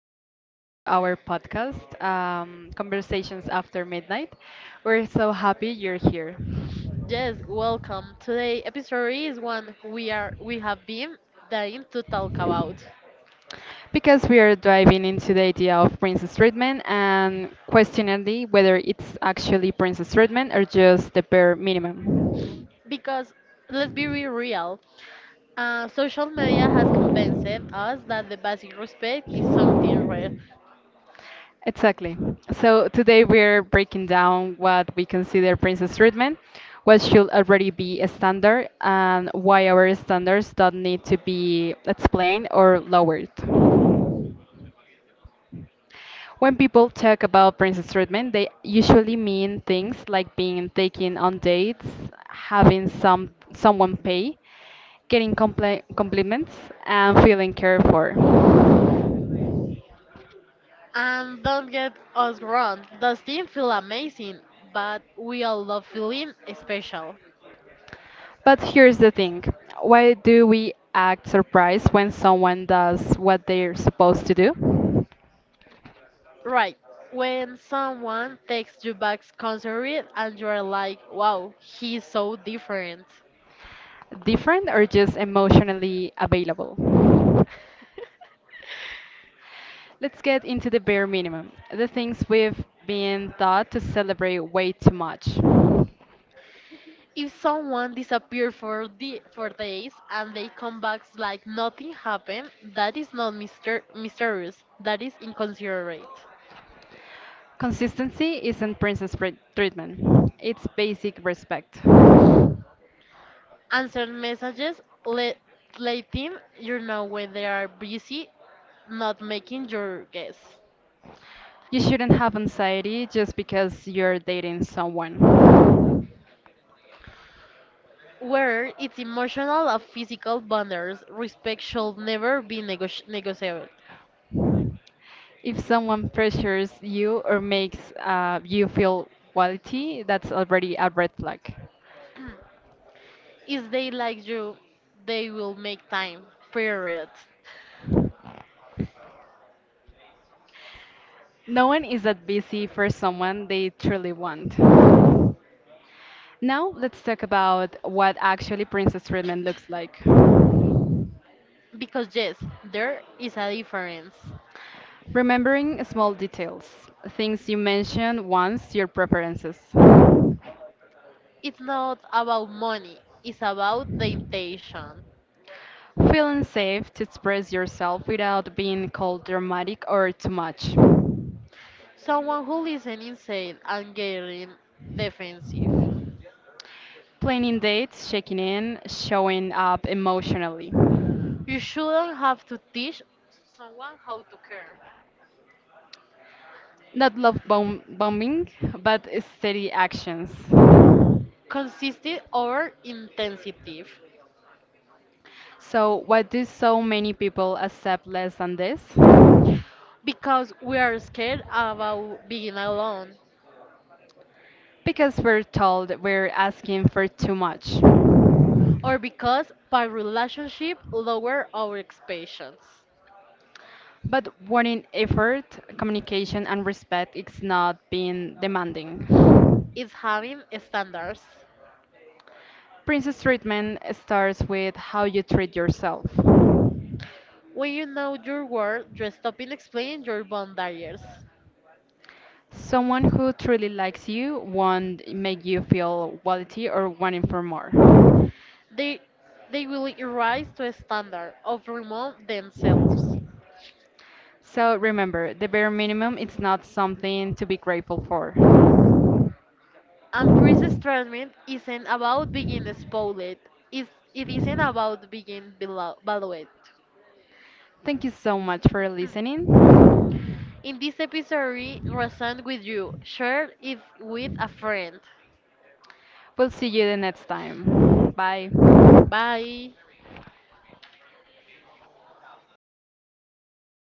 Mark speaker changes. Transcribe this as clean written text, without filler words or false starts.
Speaker 1: welcome back to our podcast, Conversations After Midnight. We're so happy you're here
Speaker 2: Yes, welcome. Today episode is one we have been dying to talk about.
Speaker 1: because we are diving into the idea of princess treatment and questioning whether it's actually princess treatment or just the bare minimum.
Speaker 2: Because let's be re- real, social media has convinced us that the basic respect is something rare.
Speaker 1: Exactly. So today we're breaking down what we consider princess treatment, what should already be a standard, and why our standards don't need to be explained or lowered. When people talk about princess treatment, they usually mean things like being taken on dates, having someone pay, getting compliments, and feeling cared for.
Speaker 2: And don't get us wrong, does thing feel amazing, but we all love feeling special.
Speaker 1: But here's the thing. Why do we act surprised when someone does what they're supposed to do?
Speaker 2: Right. When someone takes you back concert and you're like, wow, he's so different.
Speaker 1: Different or just emotionally available? Let's get into the bare minimum, the things we've been taught to celebrate way too much.
Speaker 2: If someone disappears for the for days and they come back like nothing happened, that is not mysterious. That is inconsiderate.
Speaker 1: Consistency isn't treatment, it's basic respect.
Speaker 2: Answer messages, let letting you know when they are busy, not making your guess.
Speaker 1: You shouldn't have anxiety just because you're dating someone.
Speaker 2: Where it's emotional or physical boundaries, respect should never be negotiable.
Speaker 1: If someone pressures you or makes you feel quality, that's already a red flag.
Speaker 2: If they like you, they will make time. Period.
Speaker 1: No one is that busy for someone they truly want. Now, let's talk about what actually princess treatment looks like.
Speaker 2: Because yes, there is a difference.
Speaker 1: Remembering small details, things you mentioned once, your preferences.
Speaker 2: It's not about money, it's about the intention.
Speaker 1: Feeling safe to express yourself without being called dramatic or too much.
Speaker 2: Someone who listens instead and getting defensive.
Speaker 1: Planning dates, checking in, showing up emotionally.
Speaker 2: You shouldn't have to teach someone how to care.
Speaker 1: Not bombing, but steady actions.
Speaker 2: Consistent or intensive.
Speaker 1: So, why do so many people accept less than this?
Speaker 2: Because we are scared about being alone.
Speaker 1: Because we're told we're asking for too much.
Speaker 2: Or because by relationship lower our expectations.
Speaker 1: But warning, effort, communication, and respect is not being demanding.
Speaker 2: It's having standards.
Speaker 1: Princess treatment starts with how you treat yourself.
Speaker 2: When you know your worth, you stop in explaining your boundaries.
Speaker 1: Someone who truly likes you won't make you feel quality or wanting for more.
Speaker 2: They, they will rise to a standard of remove themselves.
Speaker 1: So remember, the bare minimum is not something to be grateful for.
Speaker 2: And priest's treatment isn't about being spoiled, it isn't about being valued.
Speaker 1: Thank you so much for listening.
Speaker 2: In this episode, resent with you, share it with a friend.
Speaker 1: We'll see you the next time. Bye.
Speaker 2: Bye.